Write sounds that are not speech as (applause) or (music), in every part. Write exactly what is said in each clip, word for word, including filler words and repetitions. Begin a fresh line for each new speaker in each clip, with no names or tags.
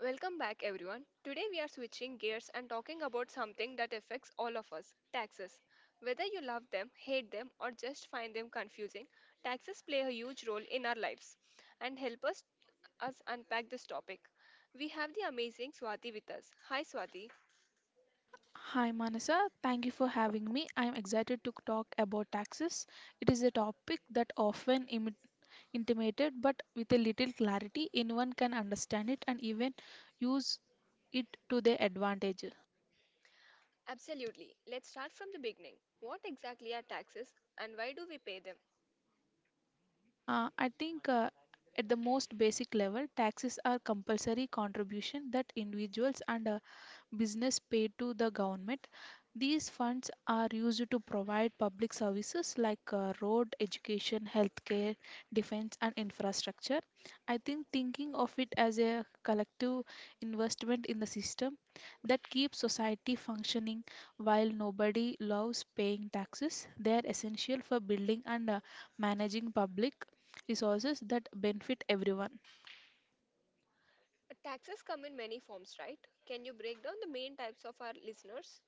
Welcome back, everyone. Today we are switching gears and talking about something that affects all of us taxes. Whether you love them, hate them, or just find them confusing, taxes play a huge role in our lives and help us, us unpack this topic. We have the amazing Swati with us. Hi, Swati.
Hi Manasa, thank you for having me. I'm excited to talk about taxes. It is a topic that often imi- intimated, but with a little clarity, anyone can understand it and even use it to their advantage.
Absolutely. Let's start from the beginning. What exactly are taxes and why do we pay them?
Uh, I think uh, at the most basic level, taxes are compulsory contribution that individuals and uh, business pay to the government. These funds are used to provide public services like uh, road, education, healthcare, defense, and infrastructure. I think thinking of it as a collective investment in the system that keeps society functioning. While nobody loves paying taxes, they are essential for building and uh, managing public resources that benefit everyone.
Taxes come in many forms, right? Can you break down the main types of our listeners?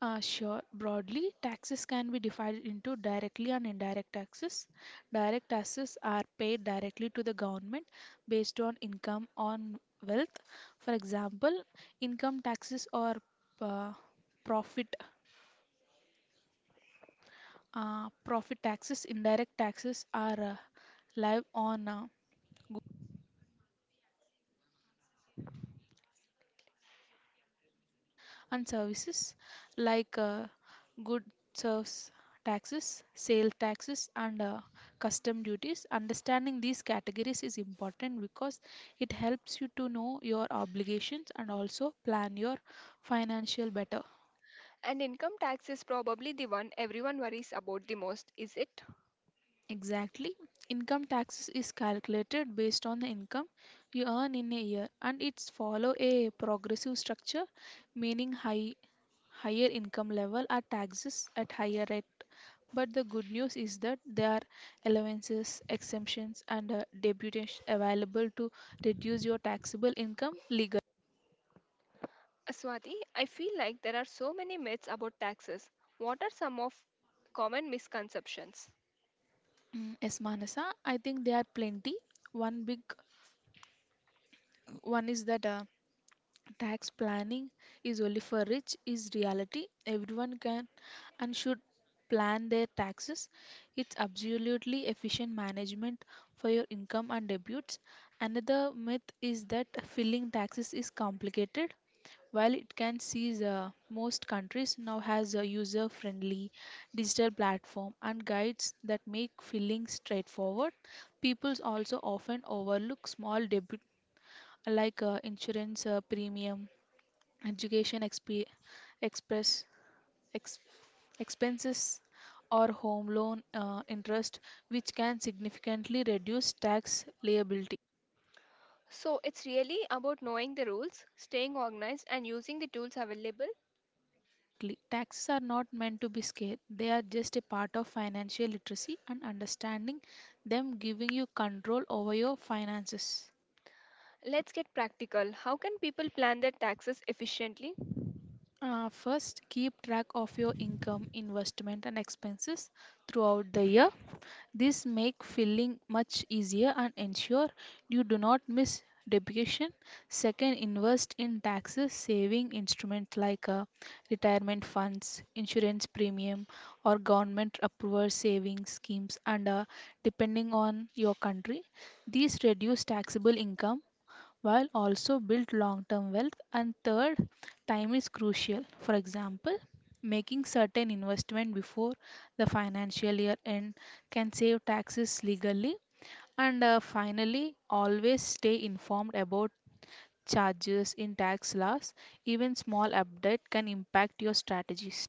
Uh, sure, broadly, taxes can be divided into directly and indirect taxes. Direct taxes are paid directly to the government based on income on wealth. For example, income taxes or uh, profit uh, profit taxes. Indirect taxes are uh, live on uh, and services like uh, goods serves taxes, sale taxes, and uh, custom duties. Understanding these categories is important because it helps you to know your obligations and also plan your financial better.
And income tax is probably the one everyone worries about the most, is it?
Mm, exactly. Income taxes is calculated based on the income you earn in a year, and it's follow a progressive structure, meaning high higher income level are taxes at higher rate. But the good news is that there are allowances, exemptions, and uh, deductions available to reduce your taxable income legally.
Swati, I feel like there are so many myths about taxes. What are some of common misconceptions?
Mm, yes, Manasa, I think there are plenty. One big one is that uh, tax planning is only for rich is reality. Everyone can and should plan their taxes. It's absolutely efficient management for your income and debuts. Another myth is that filling taxes is complicated. While it can seize, uh, most countries now has a user-friendly digital platform and guides that make filling straightforward. People also often overlook small debit like uh, insurance uh, premium, education exp- express ex- expenses, or home loan uh, interest, which can significantly reduce tax liability.
So, it's really about knowing the rules, staying organized, and using the tools available.
Exactly. Taxes are not meant to be scared. They are just a part of financial literacy, and understanding them giving you control over your finances.
Let's get practical. How can people plan their taxes efficiently?
Uh, first, keep track of your income, investment, and expenses throughout the year. This make filling much easier and ensure you do not miss depreciation. Second, invest in taxes saving instruments like uh, retirement funds, insurance premium, or government approval saving schemes, and uh, depending on your country, these reduce taxable income while also build long term wealth. And third, time is crucial. For example, making certain investment before the financial year end can save taxes legally. And uh, finally, always stay informed about charges in tax laws. Even small update can impact your strategies.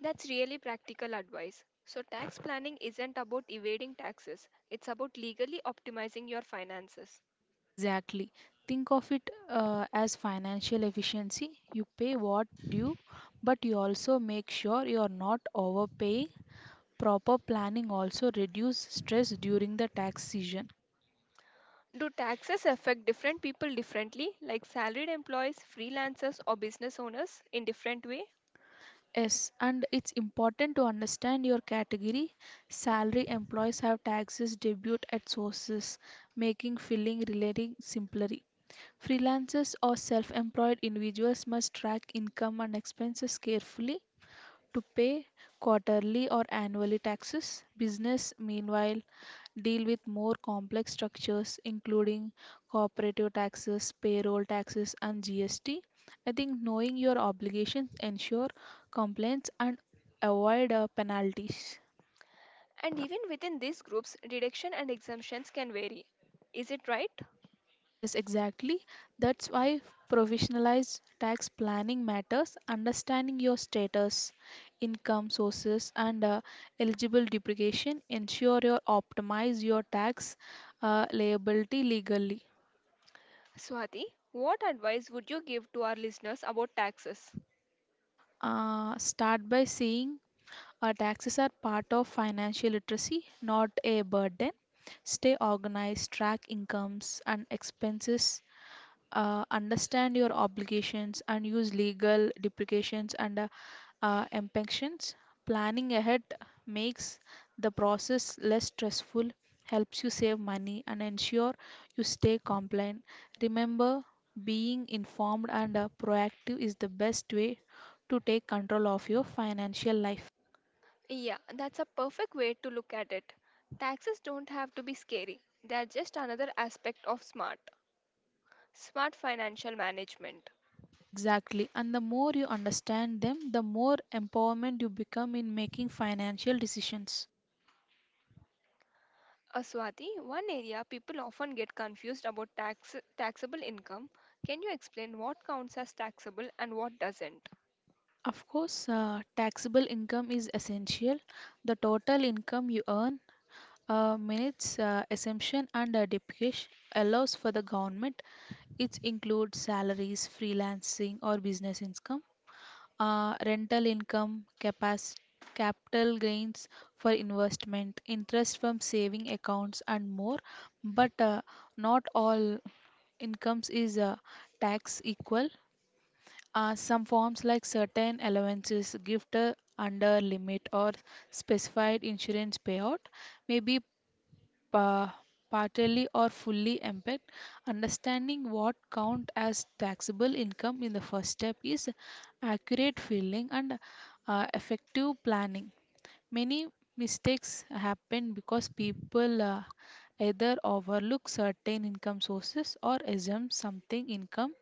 That's really practical advice. So, tax planning isn't about evading taxes, it's about legally optimizing your finances.
Exactly. Think of it uh, as financial efficiency. You pay what due, but you also make sure you are not overpaying. Proper planning also reduce stress during the tax season.
Do taxes affect different people differently, like salaried employees, freelancers, or business owners in different way?
Yes, and it's important to understand your category. Salary employees have taxes debut at sources, making filing relating simpler. Freelancers or self-employed individuals must track income and expenses carefully to pay quarterly or annually taxes. Business, meanwhile, deal with more complex structures, including corporative taxes, payroll taxes, and G S T. I think knowing your obligations ensure compliance and avoid uh, penalties.
And even within these groups, deduction and exemptions can vary. Is it right?
Yes, exactly. That's why professionalized tax planning matters. Understanding your status, income sources, and uh, eligible depreciation ensure you optimize your tax uh, liability legally.
Swati, what advice would you give to our listeners about taxes?
Uh, start by seeing, Uh, taxes are part of financial literacy, not a burden. Stay organized, track incomes and expenses, uh, understand your obligations, and use legal duplications and uh, uh, impactions. Planning ahead makes the process less stressful, helps you save money, and ensure you stay compliant. Remember, being informed and uh, proactive is the best way to take control of your financial life.
Yeah, that's a perfect way to look at it. Taxes don't have to be scary. They are just another aspect of smart, smart financial management.
Exactly. And the more you understand them, the more empowerment you become in making financial decisions.
Uh, Swati, one area people often get confused about tax taxable income. Can you explain what counts as taxable and what doesn't?
Of course, uh, taxable income is essential. The total income you earn, uh, minutes uh, exemption and uh, depreciation allows for the government. It includes salaries, freelancing or business income, uh, rental income, capacity, capital gains for investment, interest from saving accounts and more. But uh, not all incomes is uh, tax equal. Uh, some forms like certain allowances, gift uh, under limit or specified insurance payout may be pa- partially or fully impaired. Understanding what count as taxable income in the first step is accurate filling and uh, effective planning. Many mistakes happen because people uh, either overlook certain income sources or assume something income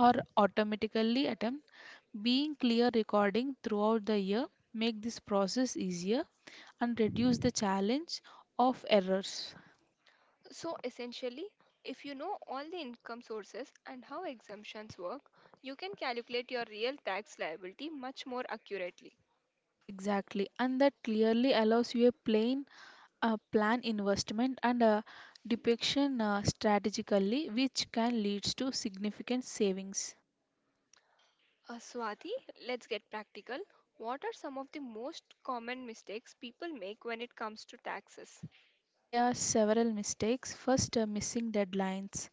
or automatically attempt. Being clear recording throughout the year make this process easier and reduce the challenge of errors.
So essentially, if you know all the income sources and how exemptions work, you can calculate your real tax liability much more accurately.
Exactly, and that clearly allows you a plain uh, plan investment and a depiction uh, strategically, which can lead to significant savings.
Uh, Swati, let's get practical. What are some of the most common mistakes people make when it comes to taxes?
There are several mistakes. First, uh, missing deadlines.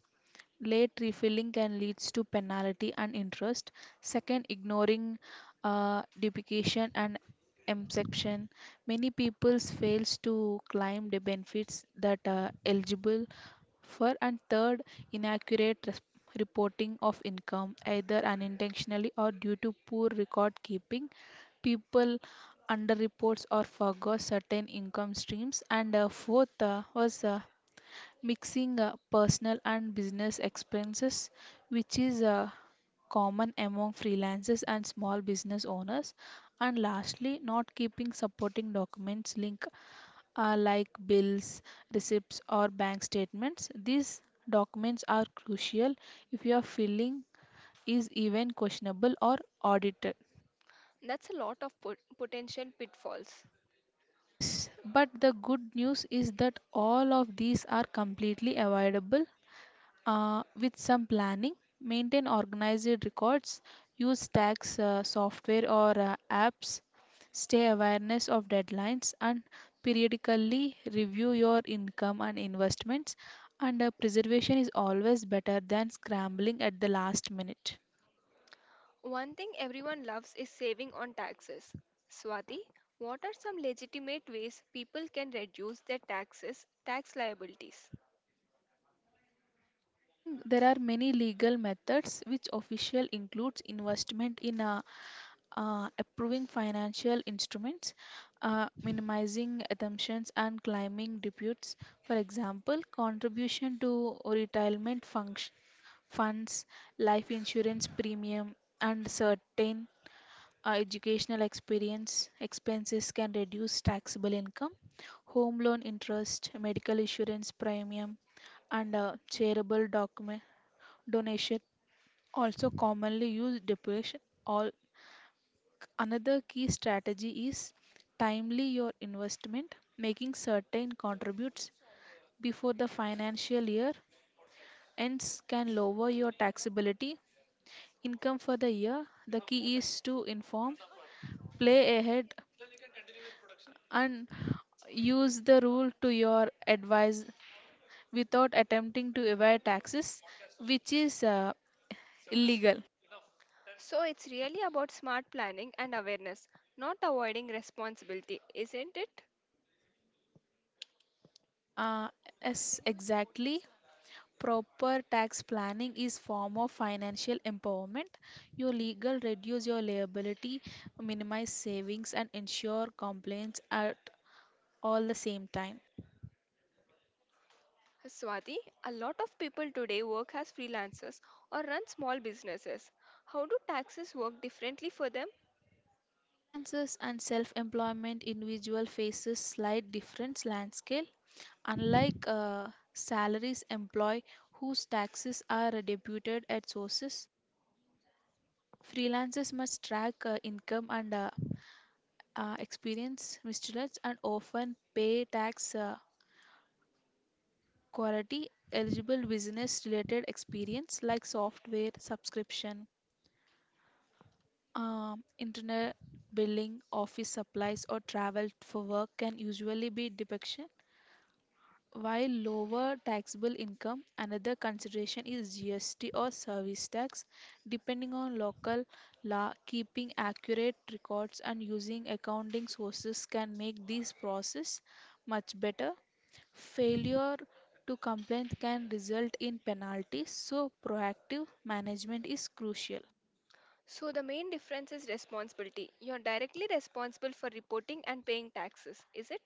Late refilling can lead to penalty and interest. Second, ignoring uh, duplication and exemption. Many people fails to claim the benefits that are eligible for. And third, inaccurate res- reporting of income, either unintentionally or due to poor record keeping. People underreports or forgot certain income streams. And uh, fourth uh, was uh, mixing uh, personal and business expenses, which is uh, common among freelancers and small business owners. And lastly, not keeping supporting documents linked, uh, like bills, receipts, or bank statements. These documents are crucial if your filing is even questionable or audited.
That's a lot of pot- potential pitfalls.
Yes, but the good news is that all of these are completely avoidable. Uh, with some planning, maintain organized records, use tax uh, software or uh, apps, stay awareness of deadlines, and periodically review your income and investments. And uh, preservation is always better than scrambling at the last minute.
One thing everyone loves is saving on taxes. Swati, what are some legitimate ways people can reduce their taxes, tax liabilities?
I think there are many legal methods which official includes investment in uh, uh, approving financial instruments, uh, minimizing assumptions, and climbing disputes. For example, contribution to retirement function, funds, life insurance premium, and certain uh, educational experience expenses can reduce taxable income. Home loan interest, medical insurance premium, and uh, charitable document donation also commonly used depreciation all. Another key strategy is timely your investment, making certain contributes before the financial year ends can lower your taxability income for the year. The key is to inform, play ahead, and use the rule to your advice without attempting to evade taxes, which is uh, illegal.
So it's really about smart planning and awareness, not avoiding responsibility, isn't it?
Uh, yes, exactly. Proper tax planning is form of financial empowerment. Your legal reduce your liability, minimize savings and ensure compliance at all the same time.
Swati, a lot of people today work as freelancers or run small businesses. How do taxes work differently for them?
Freelancers and self-employment individual faces slight difference landscape. Unlike uh, salaries employee whose taxes are deputed at sources, freelancers must track uh, income and uh, uh, experience misstatements and often pay tax uh, quality eligible business related experience like software subscription, um, internet billing, office supplies or travel for work can usually be depiction while lower taxable income. Another consideration is GST or service tax depending on local law. Keeping accurate records and using accounting sources can make this process much better. Failure to complain can result in penalties, so proactive management is crucial.
So, the main difference is responsibility. You're directly responsible for reporting and paying taxes, is it?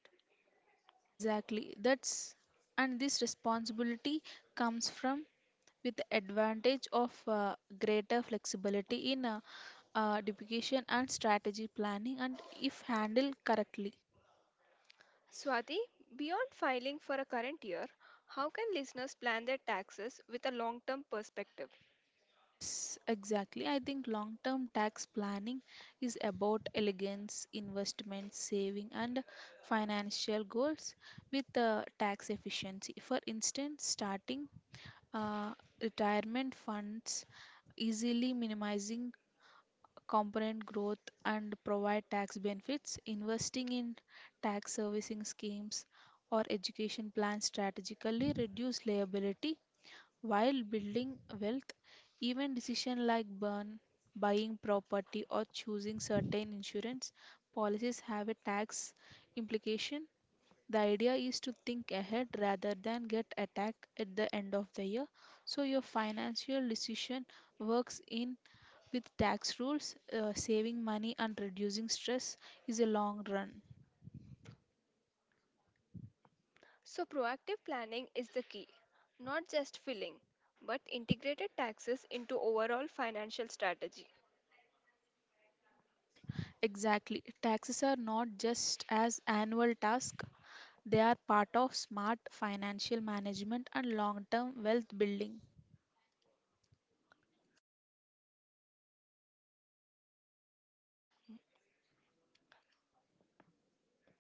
Exactly. That's, and this responsibility comes from with the advantage of uh, greater flexibility in uh, uh, deputation and strategy planning and if handled correctly.
Swati, beyond filing for a current year, how can listeners plan their taxes with a long term perspective?
Yes, exactly. I think long term tax planning is about elegance, investment, saving, and financial goals with uh, tax efficiency. For instance, starting uh, retirement funds easily minimizing component growth and provide tax benefits, investing in tax servicing schemes or education plans strategically reduce liability while building wealth. Even decisions like burn, buying property, or choosing certain insurance policies have a tax implication. The idea is to think ahead rather than get attacked at the end of the year, so your financial decision works in with tax rules. Uh, saving money and reducing stress is a long run.
So, proactive planning is the key, not just filling, but integrated taxes into overall financial strategy.
Exactly. Taxes are not just as annual task. They are part of smart financial management and long-term wealth building.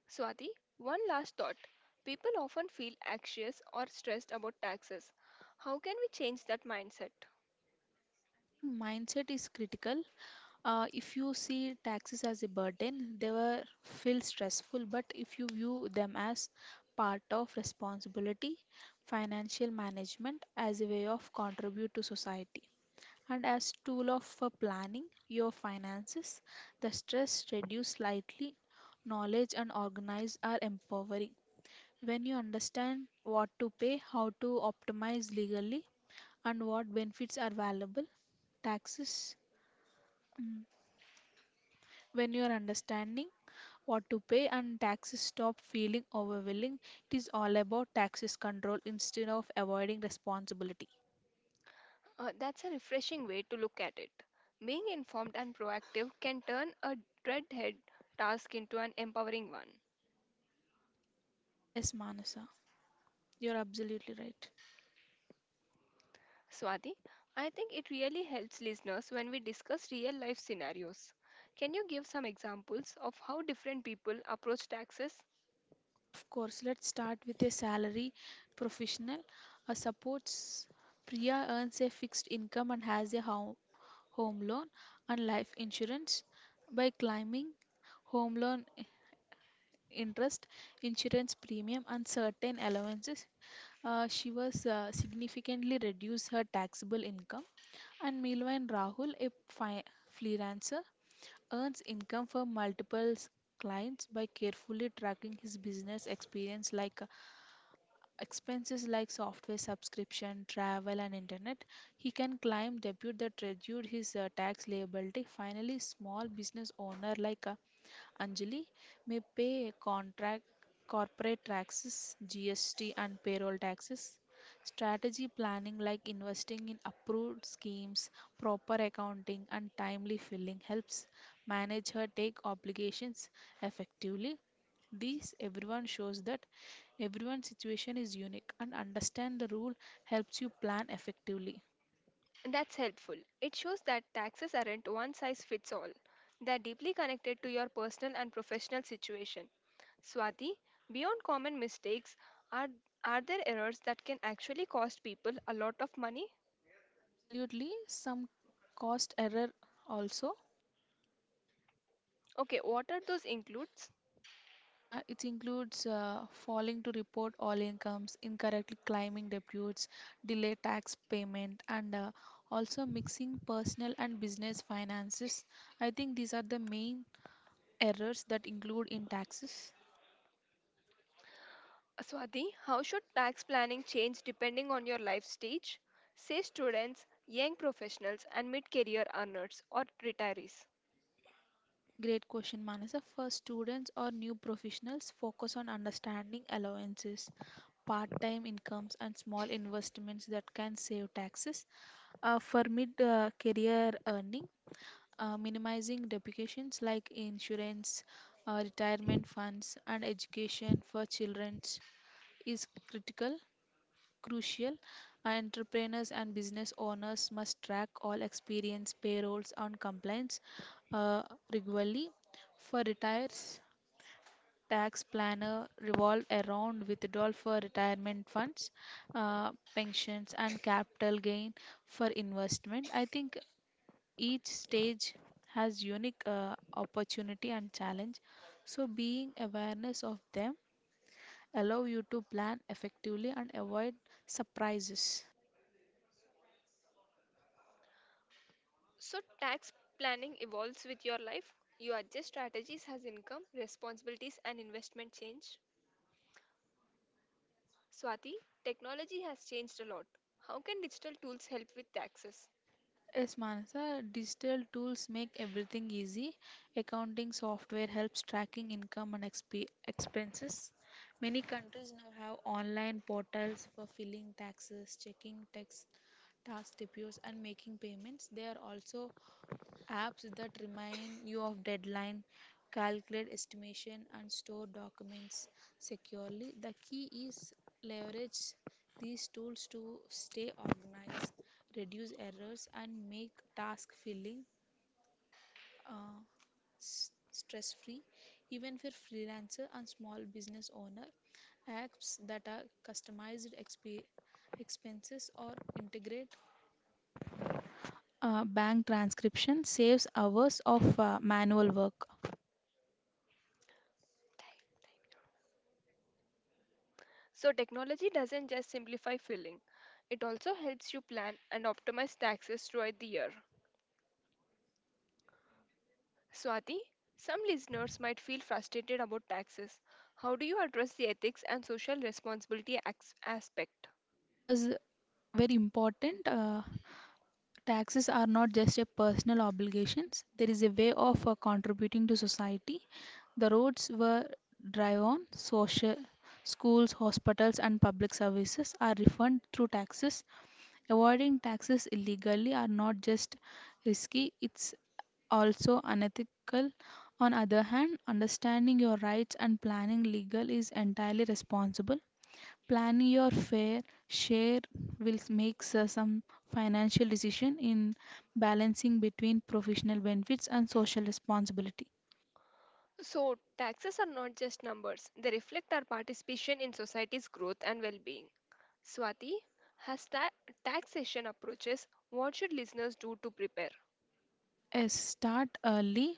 Swati, one last thought. People often feel anxious or stressed about taxes. How can we change that mindset?
I think mindset is critical. Uh, if you see taxes as a burden, they will feel stressful. But if you view them as part of responsibility, financial management as a way of contribute to society and as tool of for planning your finances, the stress reduce slightly. Knowledge and organize are empowering. When you understand what to pay, how to optimize legally, and what benefits are valuable, taxes. mm, When you are understanding what to pay and taxes stop feeling overwhelming, it is all about taxes control instead of avoiding responsibility.
Uh, that's a refreshing way to look at it. Being informed and proactive can turn a dreadhead task into an empowering one.
Yes, Manasa, you're absolutely right.
Swati, I think it really helps listeners when we discuss real life scenarios. Can you give some examples of how different people approach taxes?
Of course, let's start with a salary professional. A supports Priya earns a fixed income and has a home home loan and life insurance by climbing home loan interest, insurance premium, and certain allowances. Uh, she was uh, significantly reduced her taxable income. And meanwhile, Rahul, a fi- freelancer, earns income from multiple s- clients. By carefully tracking his business experience like uh, expenses like software subscription, travel, and internet, he can claim debut that reduced his uh, tax liability. Finally, small business owner like uh, Anjali may pay contract corporate taxes, G S T and payroll taxes. Strategy planning like investing in approved schemes, proper accounting and timely filling helps manage her take obligations effectively. These everyone shows that everyone's situation is unique and understand the rule helps you plan effectively.
That's helpful. It shows that taxes aren't one size fits all, they're deeply connected to your personal and professional situation. Swati, beyond common mistakes, are, are there errors that can actually cost people a lot of money?
Absolutely, some cost error also.
Okay, what are those includes?
Uh, it includes uh, failing to report all incomes, incorrectly claiming disputes, delay tax payment, and uh, also mixing personal and business finances. I think these are the main errors that include in taxes.
Swati, how should tax planning change depending on your life stage? Say students, young professionals, and mid career earners or retirees.
Great question, Manasa. For students or new professionals, focus on understanding allowances, part time incomes, and small investments that can save taxes. Uh, for mid uh, career earning, uh, minimizing depreciations like insurance, uh, retirement funds, and education for children is critical, crucial. Uh, Entrepreneurs and business owners must track all experience, payrolls, and compliance uh, regularly. For retires, tax planner revolve around withdrawal for retirement funds, uh, pensions, and capital gain for investment. I think each stage has unique uh, opportunity and challenge, so being awareness of them allow you to plan effectively and avoid surprises.
So, tax planning evolves with your life. You adjust strategies as income, responsibilities, and investment change. Swati, technology has changed a lot. How can digital tools help with taxes?
Yes, Manasa, digital tools make everything easy. Accounting software helps tracking income and exp- expenses. Many countries now have online portals for filing taxes, checking tax tax depots, and making payments. They are also apps that remind you of deadline, calculate estimation, and store documents securely. The key is leverage these tools to stay organized, reduce errors, and make task filling uh, stress free. Even for freelancer and small business owner, apps that are customized exp- expenses or integrate uh, bank transcription saves hours of uh, manual work.
So, technology doesn't just simplify filling, it also helps you plan and optimize taxes throughout the year. Swati, some listeners might feel frustrated about taxes. How do you address the ethics and social responsibility ax- aspect?
There was very important, uh, taxes are not just a personal obligations, there is a way of uh, contributing to society. The roads were drive on, social schools, hospitals and public services are refunded through taxes. Avoiding taxes illegally are not just risky, it's also unethical. On other hand, understanding your rights and planning legal is entirely responsible. Plan your fair share will make uh, some financial decision in balancing between professional benefits and social responsibility.
So, taxes are not just numbers, they reflect our participation in society's growth and well being. Swati, as ta- taxation approaches, what should listeners do to prepare?
Yes, start early.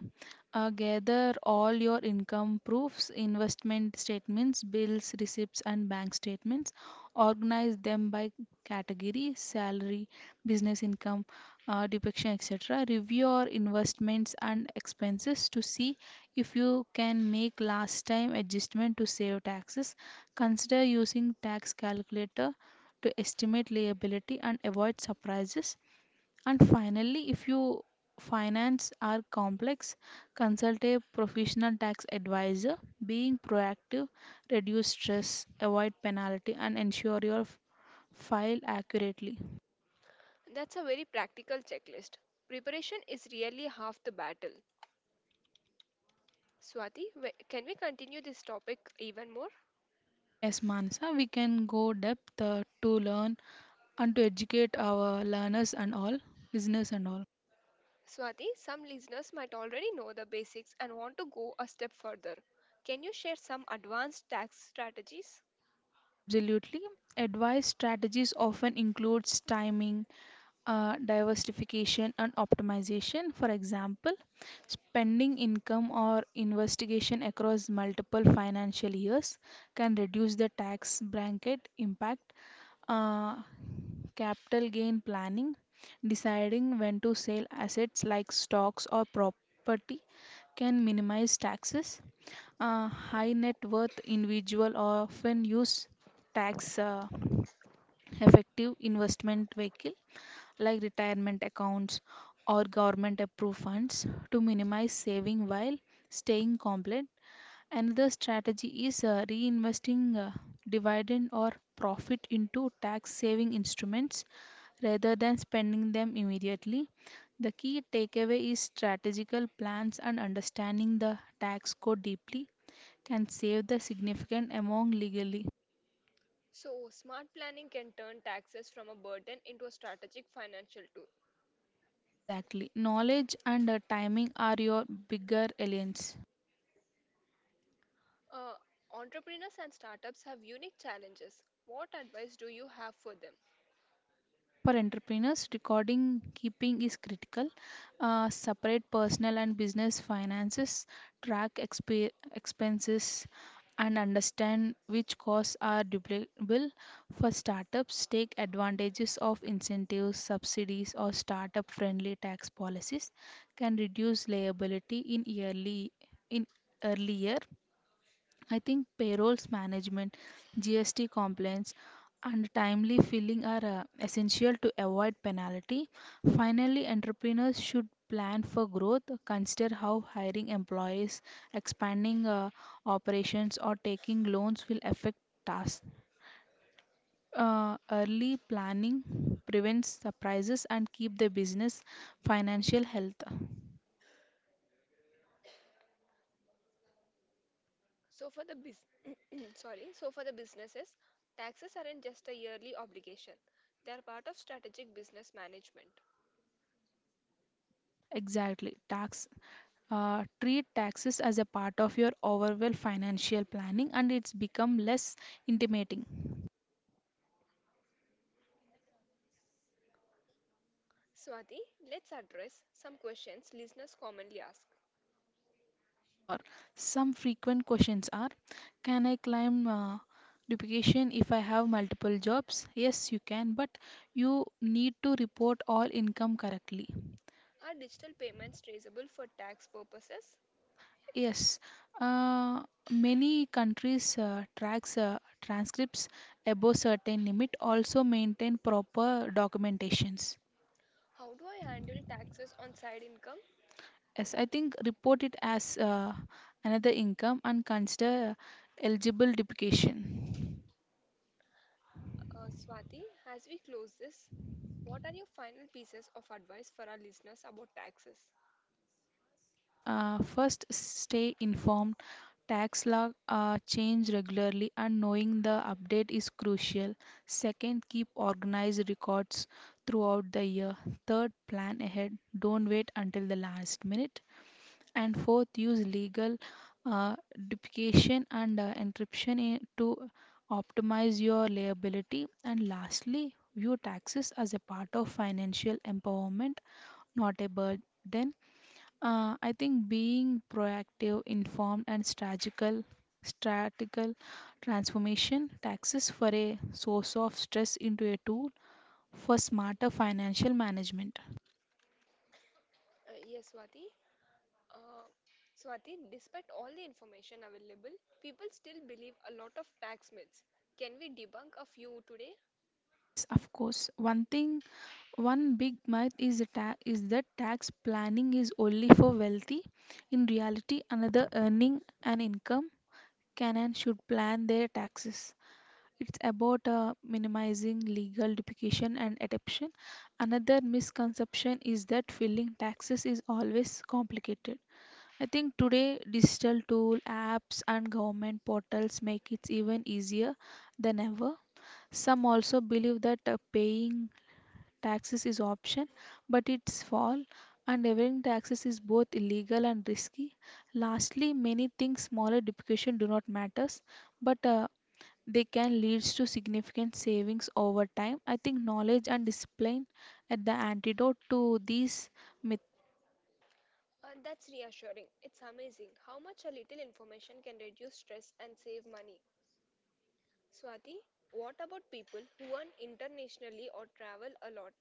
Uh, gather all your income proofs, investment statements, bills, receipts, and bank statements. Organize them by category, salary, business income, uh, depiction, et cetera. Review your investments and expenses to see if you can make last time adjustment to save taxes. Consider using tax calculator to estimate liability and avoid surprises, and finally, if you finance are complex, consult a professional tax advisor. Being proactive, reduce stress, avoid penalty, and ensure your f- file accurately.
That's a very practical checklist. Preparation is really half the battle. Swati, wh- can we continue this topic even more?
Yes, Mansa, we can go depth uh, to learn and to educate our learners and all, listeners and all.
Swati, some listeners might already know the basics and want to go a step further. Can you share some advanced tax strategies?
Absolutely. Advice strategies often includes timing, uh, diversification and optimization. For example, spending income or investigation across multiple financial years can reduce the tax bracket impact. Uh, Capital gain planning, deciding when to sell assets like stocks or property can minimize taxes. Uh, high net worth individual often use tax uh, effective investment vehicle like retirement accounts or government approved funds to minimize saving while staying compliant. Another strategy is uh, reinvesting uh, dividend or profit into tax saving instruments rather than spending them immediately. The key takeaway is strategical plans and understanding the tax code deeply can save the significant amount legally.
So, smart planning can turn taxes from a burden into a strategic financial tool.
Exactly. Knowledge and uh, timing are your bigger aliens.
Uh, entrepreneurs and startups have unique challenges. What advice do you have for them?
For entrepreneurs, recording keeping is critical. Uh, separate personal and business finances, track expe- expenses, and understand which costs are duplicable. For startups, take advantages of incentives, subsidies, or startup friendly tax policies can reduce liability in yearly in early year. I think payrolls management, G S T compliance, and timely filing are uh, essential to avoid penalty. Finally, entrepreneurs should plan for growth, consider how hiring employees, expanding uh, operations, or taking loans will affect tasks. Uh, early planning prevents surprises and keep the business financial health.
So, for the bus- (clears throat) sorry, so for the businesses, taxes aren't just a yearly obligation. They are part of strategic business management.
Exactly. Tax uh, treat taxes as a part of your overall financial planning and it's become less intimidating.
Swati, let's address some questions listeners commonly ask.
Sure, some frequent questions are: Can I claim uh, duplication if I have multiple jobs? Yes, you can, but you need to report all income correctly.
Are digital payments traceable for tax purposes?
Yes, uh, many countries uh, tracks uh, transcripts above certain limit, also maintain proper documentations.
How do I handle taxes on side income?
Yes, I think report it as uh, another income and consider eligible duplication.
Uh, Swati, as we close this, what are your final pieces of advice for our listeners about taxes?
Uh, first, stay informed. Tax law uh, change regularly, and knowing the update is crucial. Second, keep organized records throughout the year. Third, plan ahead. Don't wait until the last minute. And fourth, use legal uh, duplication and uh, encryption in, to optimize your liability. And lastly, view taxes as a part of financial empowerment, not a burden. Uh, i think being proactive, informed and strategical strategical transformation taxes for a source of stress into a tool for smarter financial management.
Uh, yes, Swati. Uh, Swati, despite all the information available, people still believe a lot of tax myths. Can we debunk a few today?
Yes, of course, one thing. One big myth is, a ta- is that tax planning is only for wealthy. In reality, another earning an income can and should plan their taxes. It's about uh, minimizing legal duplication and adoption. Another misconception is that filing taxes is always complicated. I think today digital tool apps and government portals make it even easier than ever. Some also believe that uh, paying taxes is option, but it's fall, and evading taxes is both illegal and risky. Lastly, many think smaller depreciation do not matters, but uh, they can lead to significant savings over time. I think knowledge and discipline are the antidote to these myths.
Uh, that's reassuring. It's amazing how much a little information can reduce stress and save money. Swati, what about people who earn internationally or travel a lot?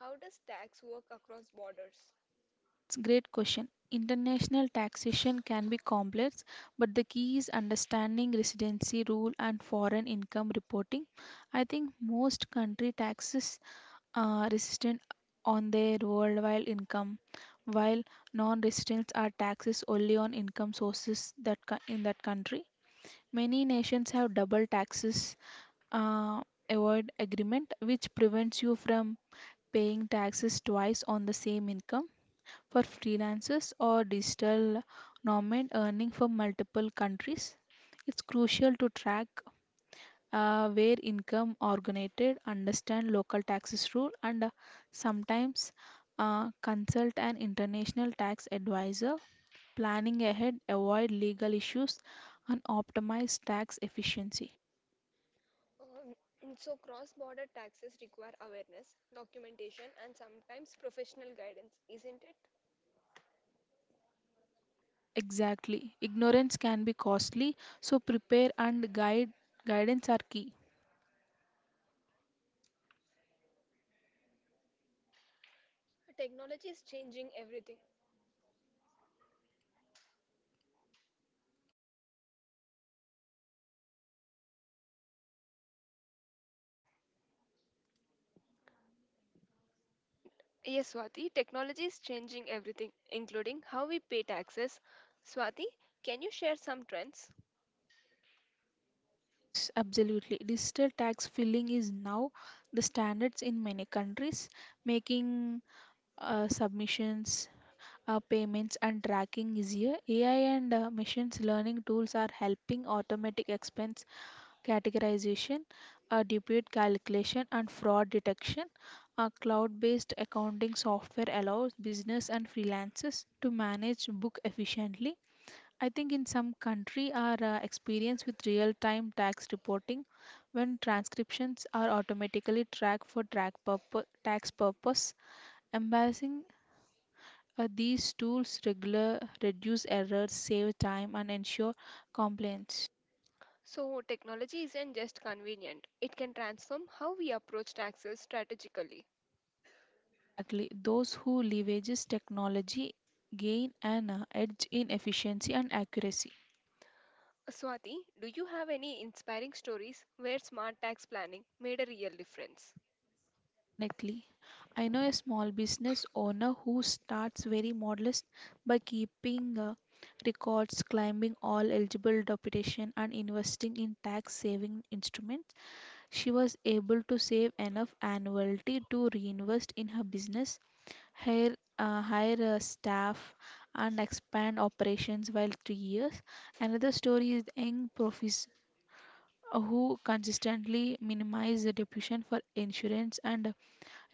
How does tax work across borders?
It's great question. International taxation can be complex, but the key is understanding residency rule and foreign income reporting. I think most country taxes uh, resident on their worldwide income, while non-residents are taxes only on income sources that co- in that country. Many nations have double taxes uh, avoid agreement, which prevents you from paying taxes twice on the same income. For freelancers or digital nomad earning from multiple countries, it's crucial to track uh, where income originated, understand local taxes rule, and uh, sometimes uh, consult an international tax advisor, planning ahead, avoid legal issues, and optimize tax efficiency.
Um, (clears throat) so, cross border taxes require awareness, documentation, and sometimes professional guidance, isn't it?
Exactly. Ignorance can be costly, so prepare and guide guidance are key.
Technology is changing everything. Yes, Swati, technology is changing everything, including how we pay taxes. Swati, can you share some trends?
Yes, absolutely. Digital tax filing is now the standards in many countries, making uh, submissions, uh, payments and tracking easier. A I and uh, machines learning tools are helping automatic expense categorization, uh, debit calculation, and fraud detection. Uh, cloud-based accounting software allows business and freelancers to manage book efficiently. I think in some country are uh, experience with real-time tax reporting when transcriptions are automatically tracked for track purpo- tax purpose. Embarrassing uh, these tools regular reduce errors, save time, and ensure compliance.
So, technology isn't just convenient, it can transform how we approach taxes strategically.
Exactly. Those who leverages technology gain an uh, edge in efficiency and accuracy.
Swati, do you have any inspiring stories where smart tax planning made a real difference?
Definitely. I know a small business owner who starts very modest by keeping uh, records, claiming all eligible deputation, and investing in tax saving instruments. She was able to save enough annually to reinvest in her business, hire, uh, hire a staff and expand operations while three years. Another story is young profis who consistently minimize the depletion for insurance and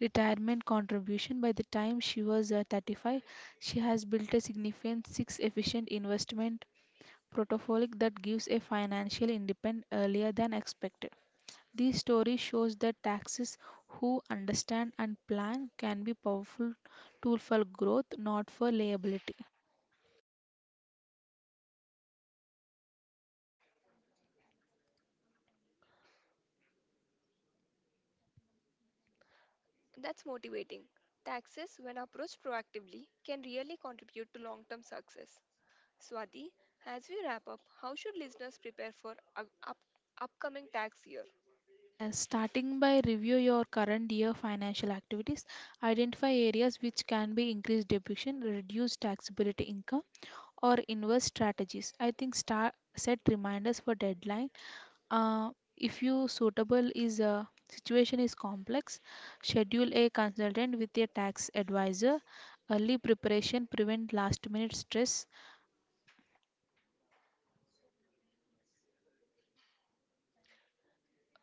retirement contribution. By the time she was uh, thirty-five, she has built a significant six efficient investment portfolio that gives a financial independence earlier than expected. This story shows that taxes who understand and plan can be powerful tool for growth, not for liability.
That's motivating. Taxes, when approached proactively, can really contribute to long term success. Swati, as we wrap up, how should listeners prepare for up- up- upcoming tax year?
Uh, starting by review your current year financial activities, identify areas which can be increased depreciation, reduce taxability income, or invest strategies. I think start set reminders for deadline. Uh, if you suitable is a situation is complex, schedule a consultant with a tax advisor. Early preparation prevent last minute stress.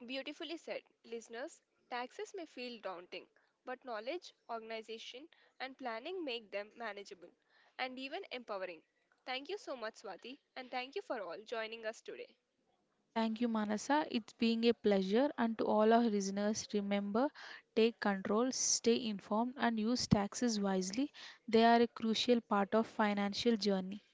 Beautifully said. Listeners, taxes may feel daunting, but knowledge, organization, and planning make them manageable and even empowering. Thank you so much, Swati, and thank you for all joining us today.
Thank you, Manasa. It's being a pleasure. And to all our listeners, remember take control, stay informed, and use taxes wisely. They are a crucial part of financial journey.